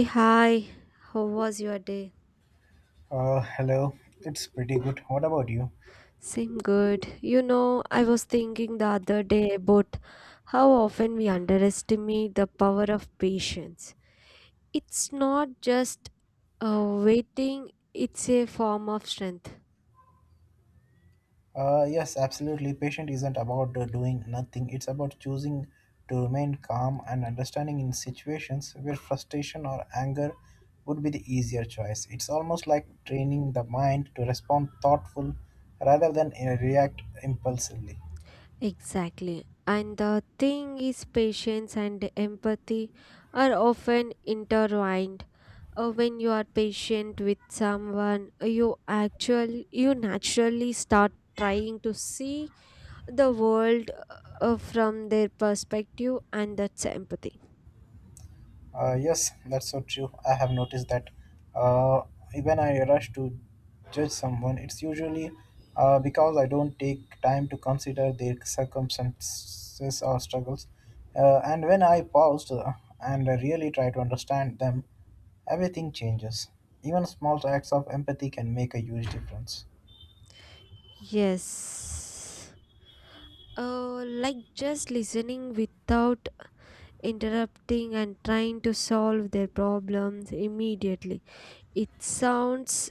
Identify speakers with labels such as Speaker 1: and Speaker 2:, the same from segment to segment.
Speaker 1: Hey, hi, how was your day?
Speaker 2: Hello. It's pretty good. What about you?
Speaker 1: Same good. You know, I was thinking the other day about how often we underestimate the power of patience. It's not just waiting, it's a form of strength.
Speaker 2: Yes, absolutely. Patient isn't about doing nothing. It's about choosing to remain calm and understanding in situations where frustration or anger would be the easier choice. It's almost like training the mind to respond thoughtful rather than react impulsively.
Speaker 1: Exactly. And the thing is, patience and empathy are often intertwined. When you are patient with someone, you actually, you naturally start trying to see the world from their perspective, and that's empathy.
Speaker 2: Yes, that's so true. I have noticed that uh, when I rush to judge someone, it's usually because I don't take time to consider their circumstances or struggles. And when I pause and really try to understand them, everything changes. Even small acts of empathy can make a huge difference.
Speaker 1: Yes, like just listening without interrupting and trying to solve their problems immediately. It sounds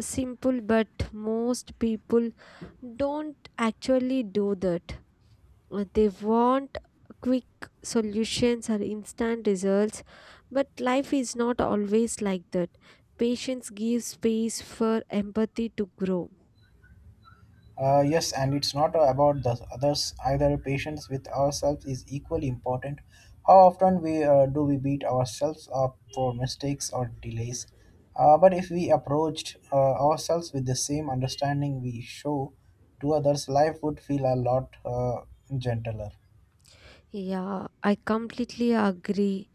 Speaker 1: simple, but most people don't actually do that. They want quick solutions or instant results, but life is not always like that. Patience gives space for empathy to grow.
Speaker 2: Yes, and it's not about the others either. Patience with ourselves is equally important. How often we do we beat ourselves up for mistakes or delays? But if we approached ourselves with the same understanding we show to others, life would feel a lot gentler.
Speaker 1: Yeah, I completely agree.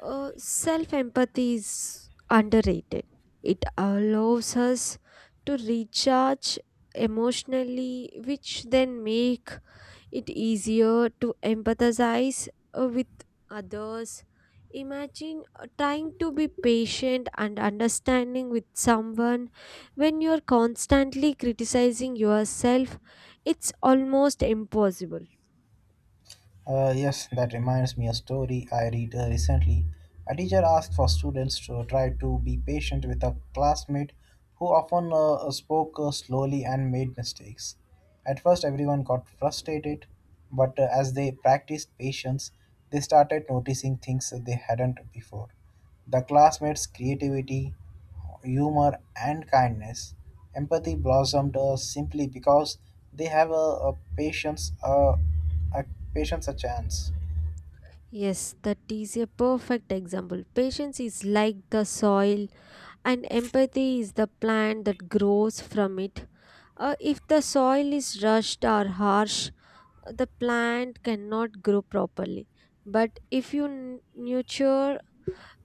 Speaker 1: Self empathy is underrated. It allows us to recharge emotionally, which then make it easier to empathize with others. Imagine trying to be patient and understanding with someone when you're constantly criticizing yourself. It's almost impossible.
Speaker 2: Yes, that reminds me a story I read recently. A teacher asked for students to try to be patient with a classmate who often spoke slowly and made mistakes. At first, everyone got frustrated, but as they practiced patience, they started noticing things that they hadn't before. The classmates' creativity, humor, and kindness. Empathy blossomed simply because they have a patience. A patience a chance.
Speaker 1: Yes, that is a perfect example. Patience is like the soil, and empathy is the plant that grows from it. If the soil is rushed or harsh, the plant cannot grow properly. But if you nurture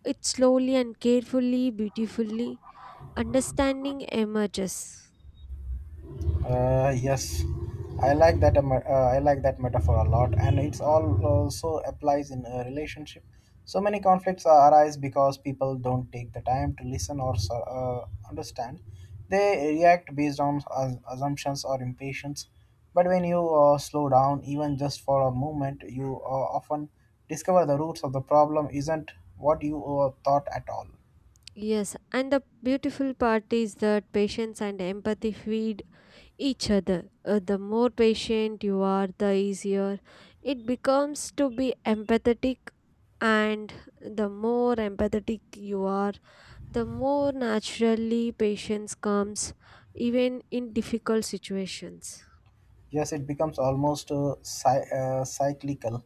Speaker 1: it slowly and carefully, beautifully, understanding emerges.
Speaker 2: Yes, I like that. I like that metaphor a lot, and it's all also applies in a relationship. So many conflicts arise because people don't take the time to listen or understand. They react based on assumptions or impatience. But when you slow down, even just for a moment, you often discover the roots of the problem isn't what you thought at all.
Speaker 1: Yes, and the beautiful part is that patience and empathy feed each other. The more patient you are, the easier it becomes to be empathetic, and the more empathetic you are, the more naturally patience comes, even in difficult situations.
Speaker 2: Yes, it becomes almost cyclical,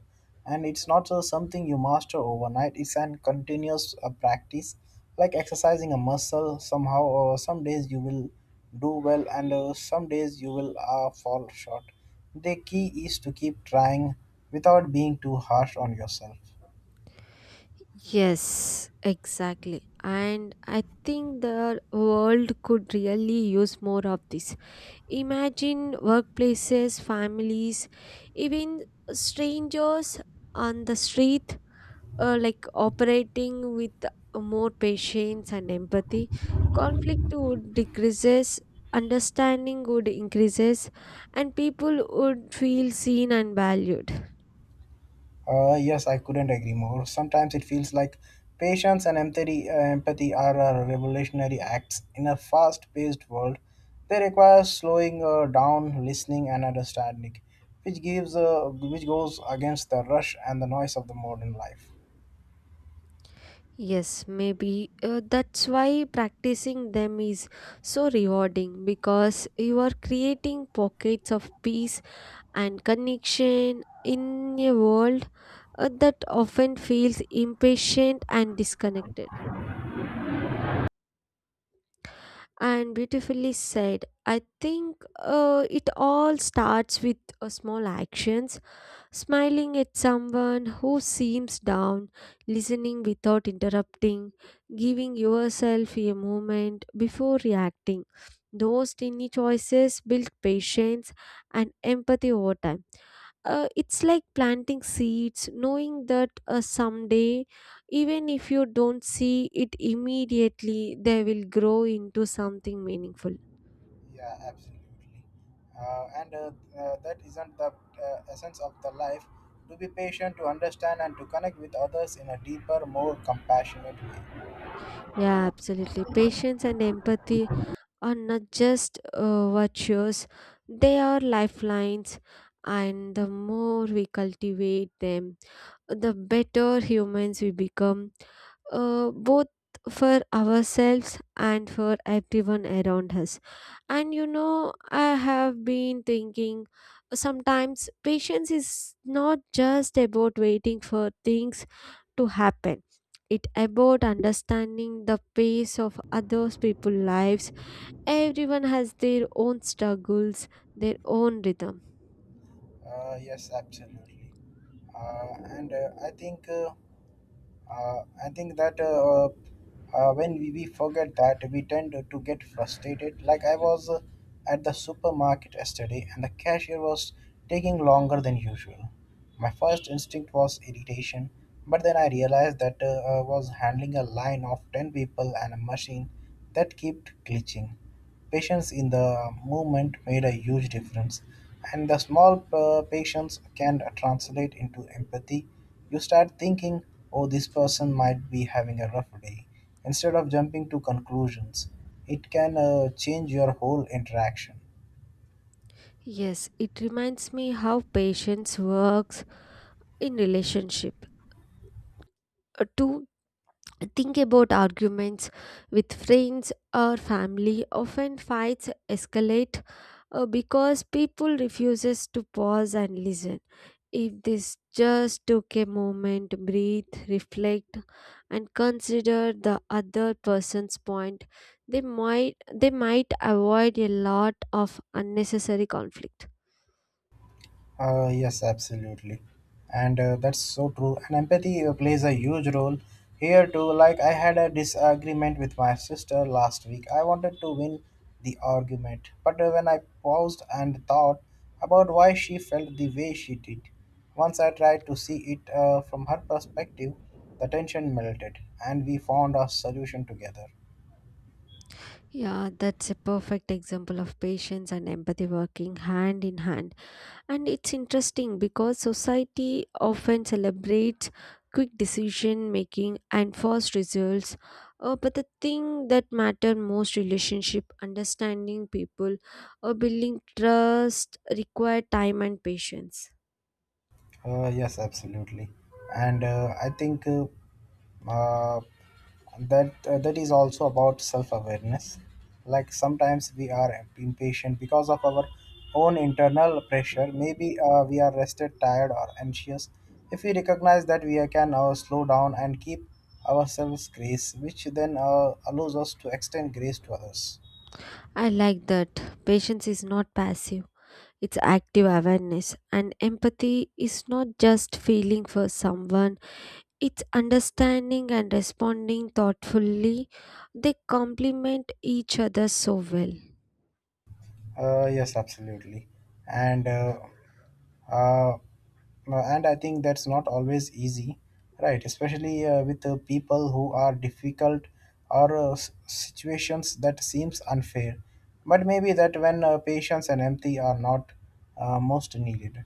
Speaker 2: and it's not something you master overnight. It's an continuous practice, like exercising a muscle. Somehow, or some days you will do well, and some days you will fall short. The key is to keep trying without being too harsh on yourself.
Speaker 1: Yes, exactly. And I think the world could really use more of this. Imagine workplaces, families, even strangers on the street like operating with more patience and empathy. Conflict would decreases, understanding would increases, and people would feel seen and valued.
Speaker 2: Yes, I couldn't agree more. Sometimes it feels like patience and empathy are revolutionary acts in a fast-paced world. They require slowing down, listening, and understanding, which goes against the rush and the noise of the modern life.
Speaker 1: Yes, maybe that's why practicing them is so rewarding, because you are creating pockets of peace and connection in a world that often feels impatient and disconnected. And beautifully said. I think it all starts with small actions. Smiling at someone who seems down, listening without interrupting, giving yourself a moment before reacting. Those tiny choices build patience and empathy over time. It's like planting seeds, knowing that someday, even if you don't see it immediately, they will grow into something meaningful.
Speaker 2: Yeah, absolutely. And that isn't the essence of the life to be patient, to understand, and to connect with others in a deeper, more compassionate way.
Speaker 1: Yeah, absolutely. Patience and empathy are not just virtues, they are lifelines, and the more we cultivate them, the better humans we become, both for ourselves and for everyone around us. And you know, I have been thinking, sometimes patience is not just about waiting for things to happen. It about understanding the pace of others people's lives. Everyone has their own struggles, their own rhythm.
Speaker 2: Yes, absolutely. And I think that when we forget that we tend to get frustrated. Like I was at the supermarket yesterday, and the cashier was taking longer than usual. My first instinct was irritation, but then I realized that I was handling a line of ten people and a machine that kept glitching. Patience in the movement made a huge difference, and the small patience can translate into empathy. You start thinking, oh, this person might be having a rough day, instead of jumping to conclusions. It can change your whole interaction.
Speaker 1: Yes, it reminds me how patience works in relationship. To think about arguments with friends or family, often fights escalate because people refuses to pause and listen. If this just took a moment, breathe, reflect, and consider the other person's point, they might avoid a lot of unnecessary conflict.
Speaker 2: Yes, absolutely. And that's so true. And empathy plays a huge role here too. Like, I had a disagreement with my sister last week. I wanted to win the argument. But when I paused and thought about why she felt the way she did, once I tried to see it from her perspective, the tension melted and we found a solution together.
Speaker 1: Yeah, that's a perfect example of patience and empathy working hand in hand. And it's interesting because society often celebrates quick decision making and fast results, but the thing that matter most, relationship, understanding people, or building trust, require time and patience.
Speaker 2: Yes, absolutely, and I think uh, that that is also about self-awareness. Like sometimes we are impatient because of our own internal pressure. Maybe we are rested, tired, or anxious. If we recognize that, we can slow down and keep ourselves grace, which then allows us to extend grace to others.
Speaker 1: I like that. Patience is not passive, it's active awareness. And empathy is not just feeling for someone, it's understanding and responding thoughtfully. They complement each other so well.
Speaker 2: Yes, absolutely. And uh, no, and I think that's not always easy, right? Especially with people who are difficult or situations that seems unfair. But maybe that when patience and empathy are not most needed.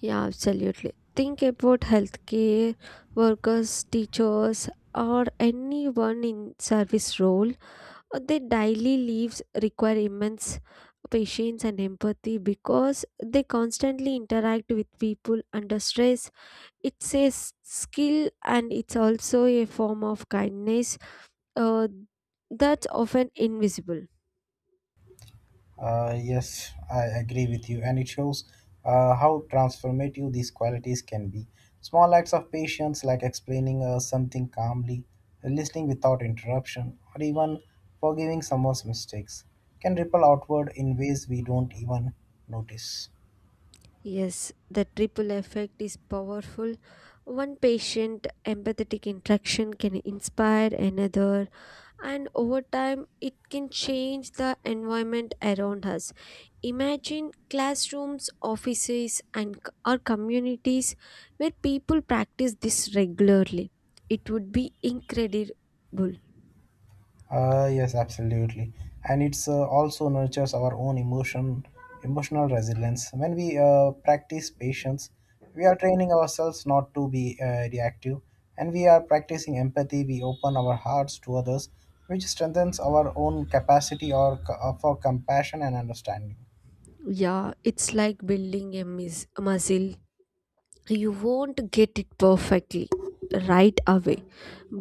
Speaker 1: Yeah, absolutely. Think about healthcare workers, teachers, or anyone in service role. Their daily lives require immense patience and empathy because they constantly interact with people under stress. It's a skill, and it's also a form of kindness uh, that's often invisible.
Speaker 2: Yes, I agree with you, and it shows how transformative these qualities can be. Small acts of patience, like explaining something calmly, listening without interruption, or even forgiving someone's mistakes, can ripple outward in ways we don't even notice.
Speaker 1: Yes, the triple effect is powerful. One patient empathetic interaction can inspire another, and over time, it can change the environment around us. Imagine classrooms, offices, and or communities where people practice this regularly. It would be incredible.
Speaker 2: Yes, absolutely, and it's also nurtures our own emotional resilience. When we practice patience, we are training ourselves not to be reactive, and we are practicing empathy. We open our hearts to others, which strengthens our own capacity or for compassion and understanding.
Speaker 1: Yeah, it's like building a, a muscle. You won't get it perfectly right away,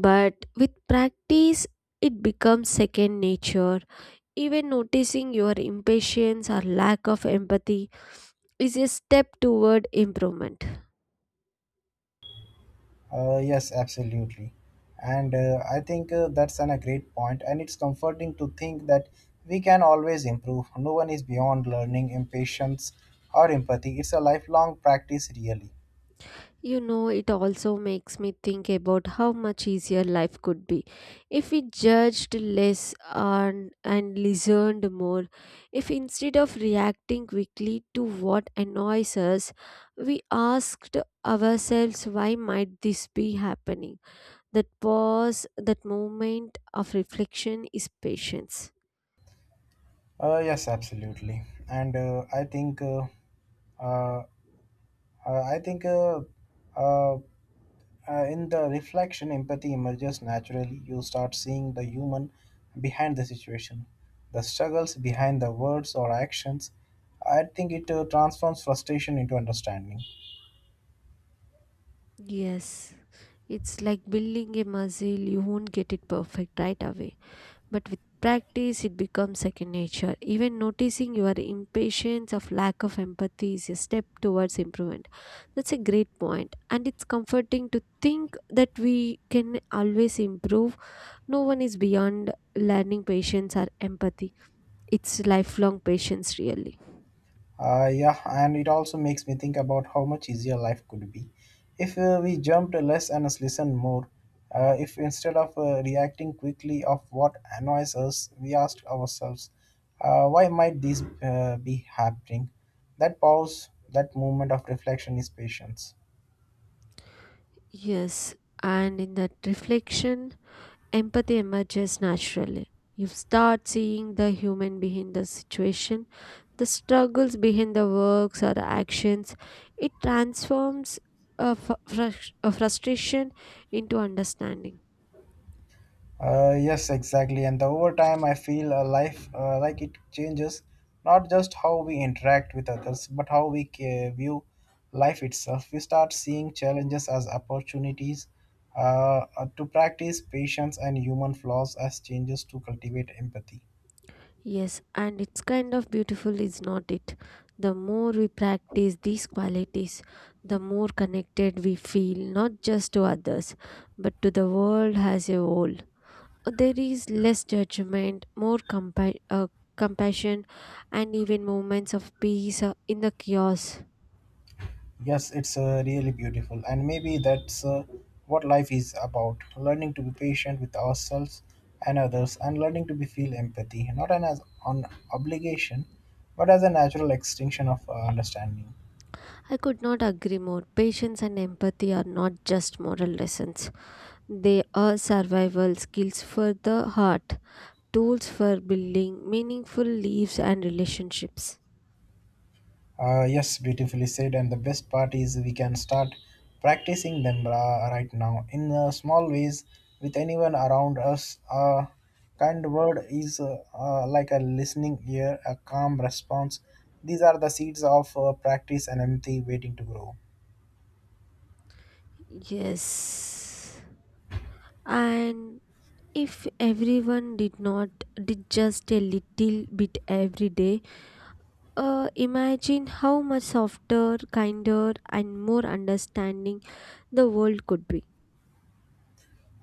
Speaker 1: but with practice it becomes second nature. Even noticing your impatience or lack of empathy is a step toward improvement.
Speaker 2: Yes, absolutely. And I think that's a great point, and it's comforting to think that we can always improve. No one is beyond learning, impatience, or empathy. It's a lifelong practice, really.
Speaker 1: You know, it also makes me think about how much easier life could be if we judged less and listened more. If instead of reacting quickly to what annoys us, we asked ourselves, why might this be happening. That pause, that moment of reflection is patience.
Speaker 2: Yes, absolutely. And uh, I think, uh, in the reflection, empathy emerges naturally. You start seeing the human behind the situation, the struggles behind the words or actions. I think it transforms frustration into understanding.
Speaker 1: Yes, it's like building a muscle, you won't get it perfect right away. But with practice, it becomes second nature. Even noticing your impatience of lack of empathy is a step towards improvement. That's a great point. And it's comforting to think that we can always improve. No one is beyond learning patience or empathy. It's lifelong patience, really.
Speaker 2: Yeah, and it also makes me think about how much easier life could be if we jumped less and listened more. If instead of reacting quickly of what annoys us, we asked ourselves, why might these be happening? That pause, that moment of reflection is patience.
Speaker 1: Yes, and in that reflection, empathy emerges naturally. You start seeing the human behind the situation, the struggles behind the works or the actions. It transforms a, a frustration into understanding.
Speaker 2: Yes, exactly. And the over time, I feel a life like it changes not just how we interact with others, but how we view life itself. We start seeing challenges as opportunities to practice patience and human flaws as changes to cultivate empathy.
Speaker 1: Yes, and it's kind of beautiful, is not it? The more we practice these qualities, the more connected we feel, not just to others, but to the world as a whole. There is less judgment, more compassion, and even moments of peace in the chaos.
Speaker 2: Yes, it's really beautiful, and maybe that's what life is about learning to be patient with ourselves and others, and learning to be feel empathy not as an obligation but as a natural extension of understanding.
Speaker 1: I could not agree more. Patience and empathy are not just moral lessons, they are survival skills for the heart, tools for building meaningful lives and relationships.
Speaker 2: Yes, beautifully said. And the best part is we can start practicing them right now in small ways with anyone around us. A kind word is like a listening ear, a calm response. These are the seeds of practice and empathy waiting to grow.
Speaker 1: Yes. And if everyone did not did just a little bit every day, imagine how much softer, kinder, and more understanding the world could be.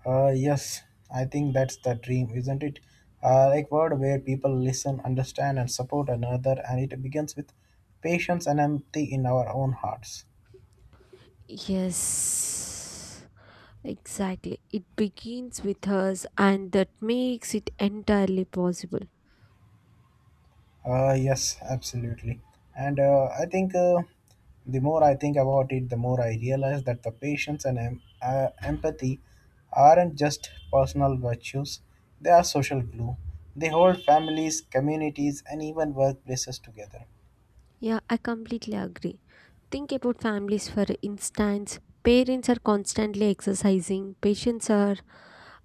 Speaker 2: Yes, I think that's the dream, isn't it? Like word where people listen, understand, and support another, and it begins with patience and empathy in our own hearts.
Speaker 1: Yes, exactly. It begins with us, and that makes it entirely possible.
Speaker 2: Yes, absolutely. And I think the more I think about it, the more I realize that the patience and empathy aren't just personal virtues, they are social glue. They hold families, communities, and even workplaces together.
Speaker 1: Yeah, I completely agree. Think about families, for instance. Parents are constantly exercising, patients are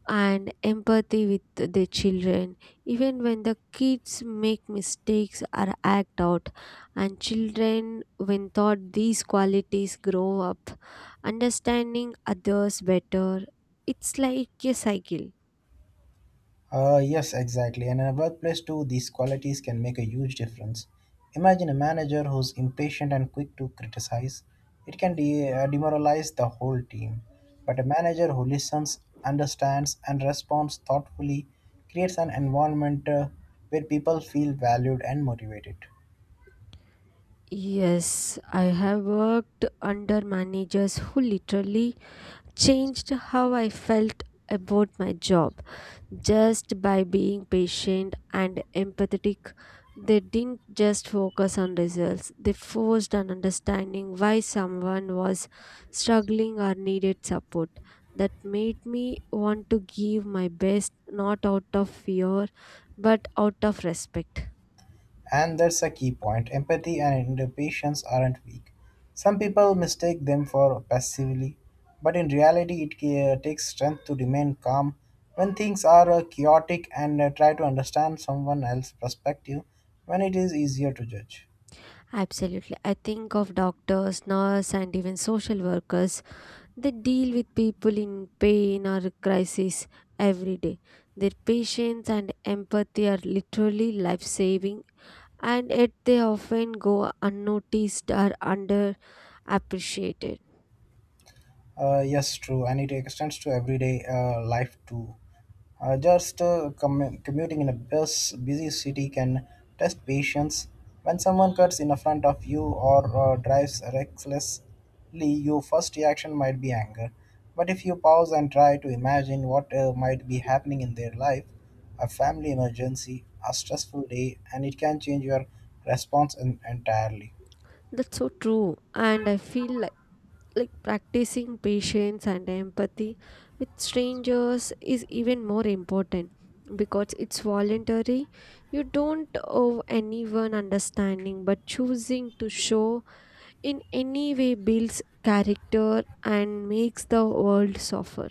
Speaker 1: and empathy with the children, even when the kids make mistakes or act out. And children, when taught these qualities, grow up understanding others better. It's like a cycle.
Speaker 2: Yes, exactly. And in a workplace too, these qualities can make a huge difference. Imagine a manager who's impatient and quick to criticize. It can demoralize the whole team. But a manager who listens, understands, and responds thoughtfully creates an environment where people feel valued and motivated.
Speaker 1: Yes, I have worked under managers who literally changed how I felt about my job. Just by being patient and empathetic, they didn't just focus on results, they forced an understanding why someone was struggling or needed support. That made me want to give my best, not out of fear, but out of respect.
Speaker 2: And that's a key point. Empathy and patience aren't weak. Some people mistake them for passively, but in reality, it takes strength to remain calm when things are chaotic and try to understand someone else's perspective when it is easier to judge.
Speaker 1: Absolutely. I think of doctors, nurses, and even social workers. They deal with people in pain or crisis every day. Their patience and empathy are literally life saving, and yet they often go unnoticed or underappreciated.
Speaker 2: Yes, true, and it extends to everyday life too. Just commuting in a busy city can test patience. When someone cuts in front of you or drives recklessly, your first reaction might be anger. But if you pause and try to imagine what might be happening in their life, a family emergency, a stressful day, and it can change your response entirely.
Speaker 1: That's so true, and I feel like practicing patience and empathy with strangers is even more important, because it's voluntary. You don't owe anyone understanding, but choosing to show in any way builds character and makes the world softer.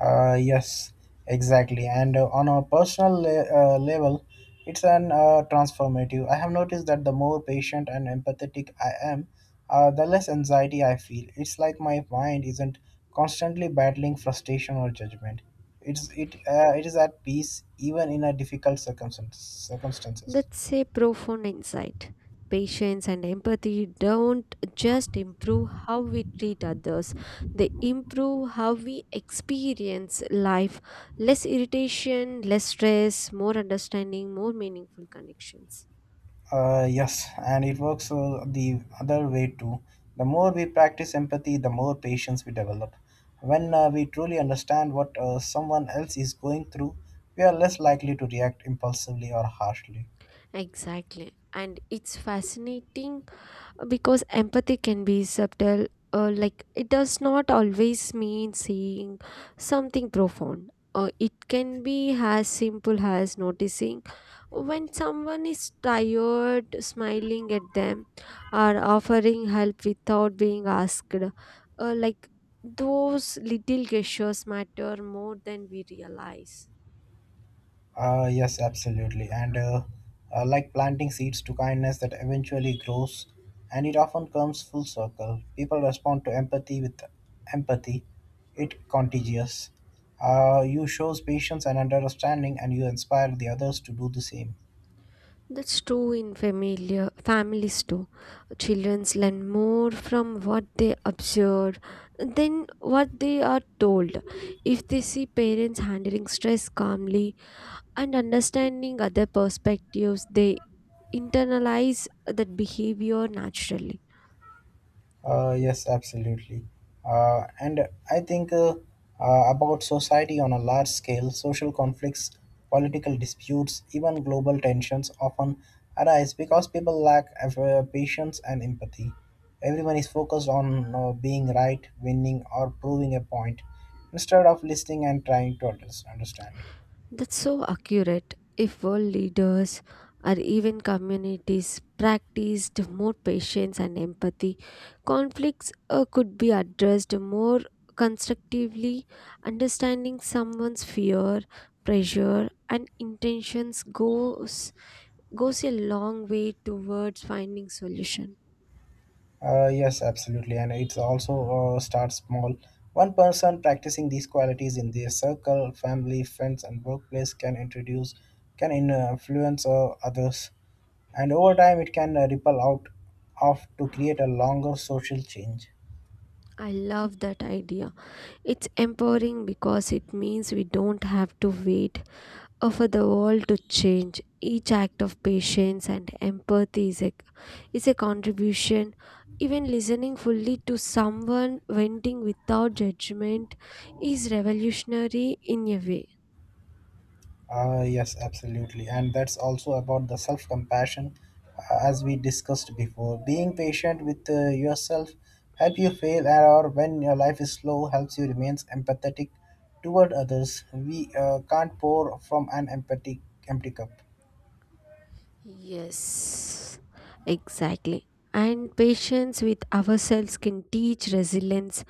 Speaker 2: Yes, exactly. And on a personal level, it's an transformative. I have noticed that the more patient and empathetic I am, the less anxiety I feel. It's like my mind isn't constantly battling frustration or judgment. It is at peace even in a difficult circumstances.
Speaker 1: That's a profound insight. Patience and empathy don't just improve how we treat others, they improve how we experience life. Less irritation, less stress, more understanding, more meaningful connections.
Speaker 2: Yes, and it works the other way too. The more we practice empathy, the more patience we develop. When we truly understand what someone else is going through, we are less likely to react impulsively or harshly.
Speaker 1: Exactly. And it's fascinating because empathy can be subtle, like it does not always mean saying something profound. It can be as simple as noticing when someone is tired, smiling at them, or offering help without being asked. Like those little gestures matter more than we realize.
Speaker 2: Yes, absolutely. And like planting seeds to kindness that eventually grows, and it often comes full circle. People respond to empathy with empathy, it contagious. You shows patience and understanding, and you inspire the others to do the same.
Speaker 1: That's true in familiar families too. Children learn more from what they observe than what they are told. If they see parents handling stress calmly and understanding other perspectives, they internalize that behavior naturally.
Speaker 2: Yes, absolutely. And I think about society on a large scale, social conflicts, political disputes, even global tensions often arise because people lack patience and empathy. Everyone is focused on being right, winning, or proving a point instead of listening and trying to understand.
Speaker 1: That's so accurate. If world leaders or even communities practiced more patience and empathy, conflicts could be addressed more constructively. Understanding someone's fear, pressure, and intentions goes a long way towards finding solution.
Speaker 2: Yes, absolutely, and it's also start small. One person practicing these qualities in their circle, family, friends, and workplace can introduce, influence others, and over time it can ripple out off to create a longer social change.
Speaker 1: I love that idea. It's empowering because it means we don't have to wait offer the world to change. Each act of patience and empathy is a contribution. Even listening fully to someone venting without judgment is revolutionary in a way.
Speaker 2: Yes, absolutely. And that's also about the self compassion, as we discussed before. Being patient with yourself help you fail, and- or when your life is slow, helps you remains empathetic toward others. We can't pour from an empty cup.
Speaker 1: Yes, exactly. And patience with ourselves can teach resilience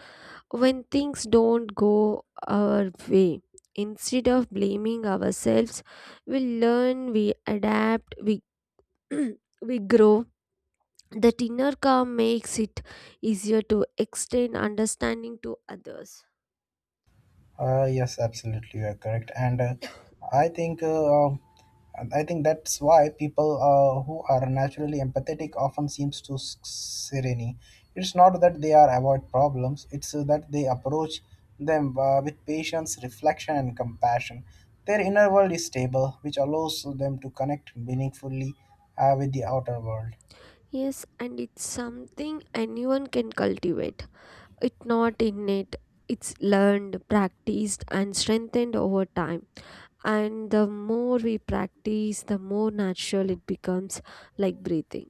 Speaker 1: when things don't go our way. Instead of blaming ourselves, we learn, we adapt, we we grow. The inner calm makes it easier to extend understanding to others.
Speaker 2: Yes, absolutely, you are correct, and I think uh, um, I think that's why people who are naturally empathetic often seems to s- serene. It's not that they are avoid problems; it's that they approach them with patience, reflection, and compassion. Their inner world is stable, which allows them to connect meaningfully with the outer world.
Speaker 1: Yes, and it's something anyone can cultivate. It's not innate, it's learned, practiced, and strengthened over time. And the more we practice, the more natural it becomes, like breathing.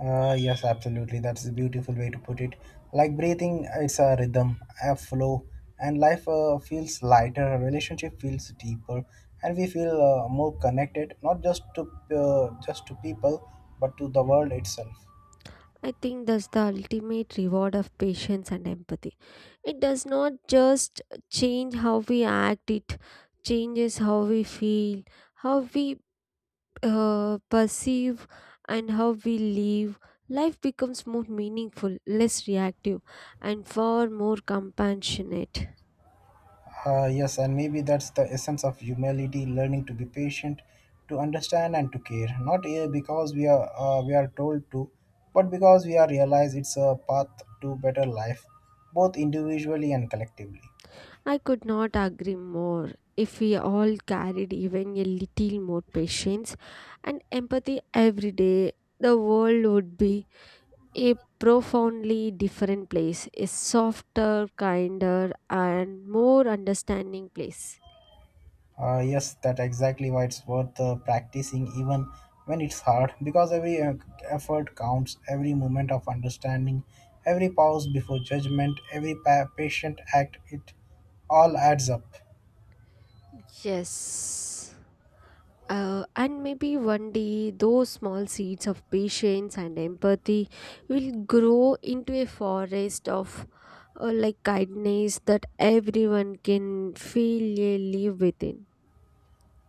Speaker 2: Yes, absolutely. That's a beautiful way to put it. Like breathing, it's a rhythm, a flow, and life feels lighter, a relationship feels deeper, and we feel more connected, not just to just to people, but to the world itself.
Speaker 1: I think that's the ultimate reward of patience and empathy. It does not just change how we act, it changes how we feel, how we perceive, and how we live. Life becomes more meaningful, less reactive, and far more compassionate.
Speaker 2: Yes, and maybe that's the essence of humility: learning to be patient, to understand, and to care. Not because we are told to, but because we are realize it's a path to better life, both individually and collectively.
Speaker 1: I could not agree more. If we all carried even a little more patience and empathy every day, the world would be a profoundly different place, a softer, kinder, and more understanding place.
Speaker 2: Yes, that exactly why it's worth practicing even when it's hard because every effort counts, every moment of understanding, every pause before judgment, every pa- patient act, it all adds up.
Speaker 1: Yes. And maybe one day those small seeds of patience and empathy will grow into a forest of like kindness that everyone can feel a live within.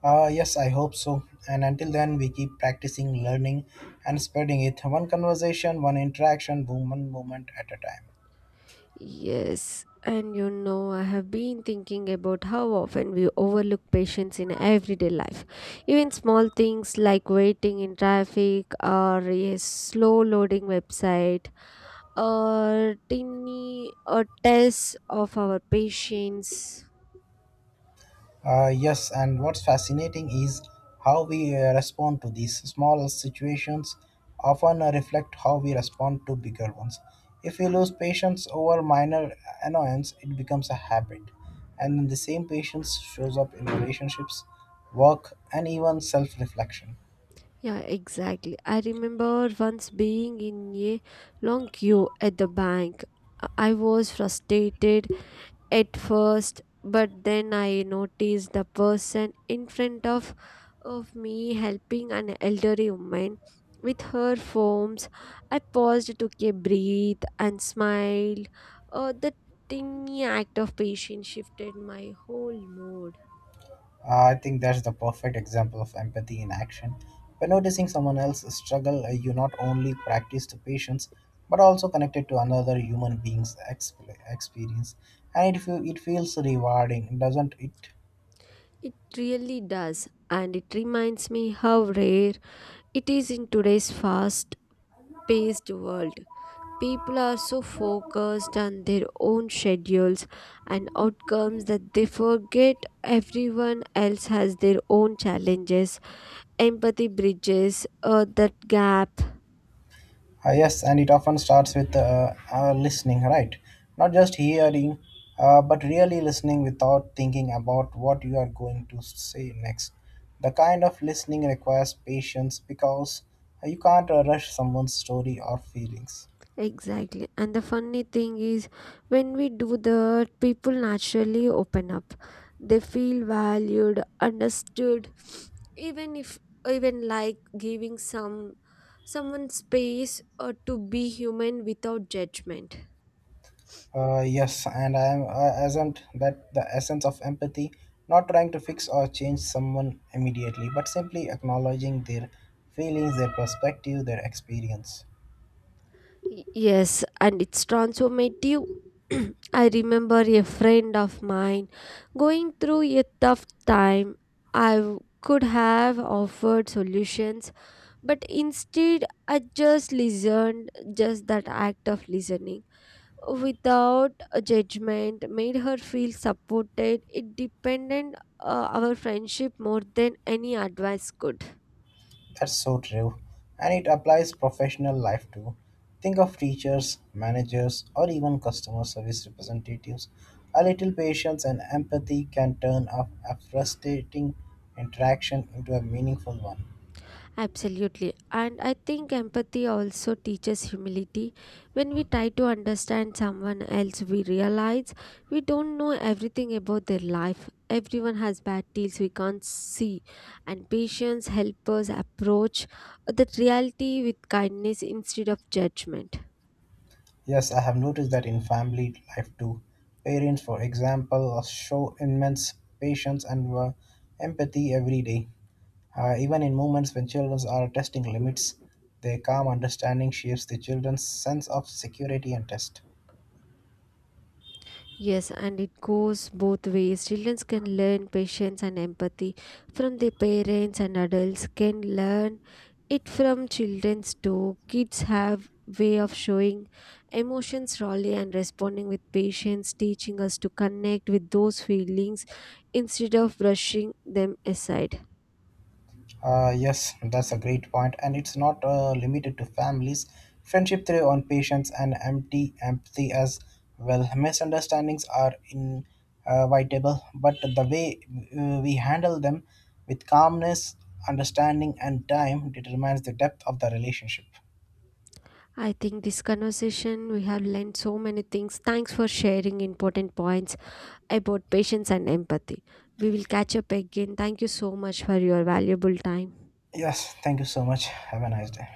Speaker 2: Yes, I hope so. And until then, we keep practicing, learning, and spreading it one conversation, one interaction, one moment at a time.
Speaker 1: Yes, and you know, I have been thinking about how often we overlook patience in everyday life. Even small things like waiting in traffic, or a slow loading website, or tiny a test of our patience.
Speaker 2: Yes, and what's fascinating is how we respond to these small situations often reflect how we respond to bigger ones. If we lose patience over minor annoyance, it becomes a habit, and the same patience shows up in relationships, work, and even self reflection.
Speaker 1: Yeah, exactly. I remember once being in a long queue at the bank. I was frustrated at first, but then I noticed the person in front of me helping an elderly woman with her forms. I paused to breathe and smiled. The tiny act of patience shifted my whole mood.
Speaker 2: I think that's the perfect example of empathy in action. By noticing someone else's struggle, you not only practice the patience, but also connected to another human being's exp- experience. And it feels rewarding, doesn't it?
Speaker 1: It really does, and it reminds me how rare it is in today's fast paced world. People are so focused on their own schedules and outcomes that they forget everyone else has their own challenges. Empathy bridges that gap.
Speaker 2: Yes, and it often starts with listening, right? Not just hearing, but really listening without thinking about what you are going to say next. The kind of listening requires patience because you can't rush someone's story or feelings.
Speaker 1: Exactly, and the funny thing is, when we do that, people naturally open up. They feel valued, understood, even if, even like giving some someone space to be human without judgment.
Speaker 2: Yes, and I am isn't that the essence of empathy? Not trying to fix or change someone immediately, but simply acknowledging their feelings, their perspective, their experience.
Speaker 1: Yes, and it's transformative. I remember a friend of mine going through a tough time. I could have offered solutions, but instead I just listened. Just that act of listening without a judgment made her feel supported. It depended our friendship more than any advice could.
Speaker 2: That's so true. And it applies professional life too. Think of teachers, managers, or even customer service representatives. A little patience and empathy can turn a frustrating interaction into a meaningful one.
Speaker 1: Absolutely. And I think empathy also teaches humility. When we try to understand someone else, we realize we don't know everything about their life. Everyone has bad deals we can't see. And patience helps us approach the reality with kindness instead of judgment.
Speaker 2: Yes, I have noticed that in family life too. Parents, for example, show immense patience and empathy every day. Even in moments when children are testing limits, their calm understanding shapes the children's sense of security and test.
Speaker 1: Yes, and it goes both ways. Children can learn patience and empathy from their parents, and adults can learn it from children's too. Kids have way of showing emotions rawnly and responding with patience, teaching us to connect with those feelings instead of brushing them aside.
Speaker 2: Yes, that's a great point, and it's not limited to families. Friendship thrive on patience and empty empathy as well. Misunderstandings are inevitable, but the way we handle them with calmness, understanding, and time determines the depth of the relationship.
Speaker 1: I think this conversation we have learned so many things. Thanks for sharing important points about patience and empathy. We will catch up again. Thank you so much for your valuable time.
Speaker 2: Yes, thank you so much. Have a nice day.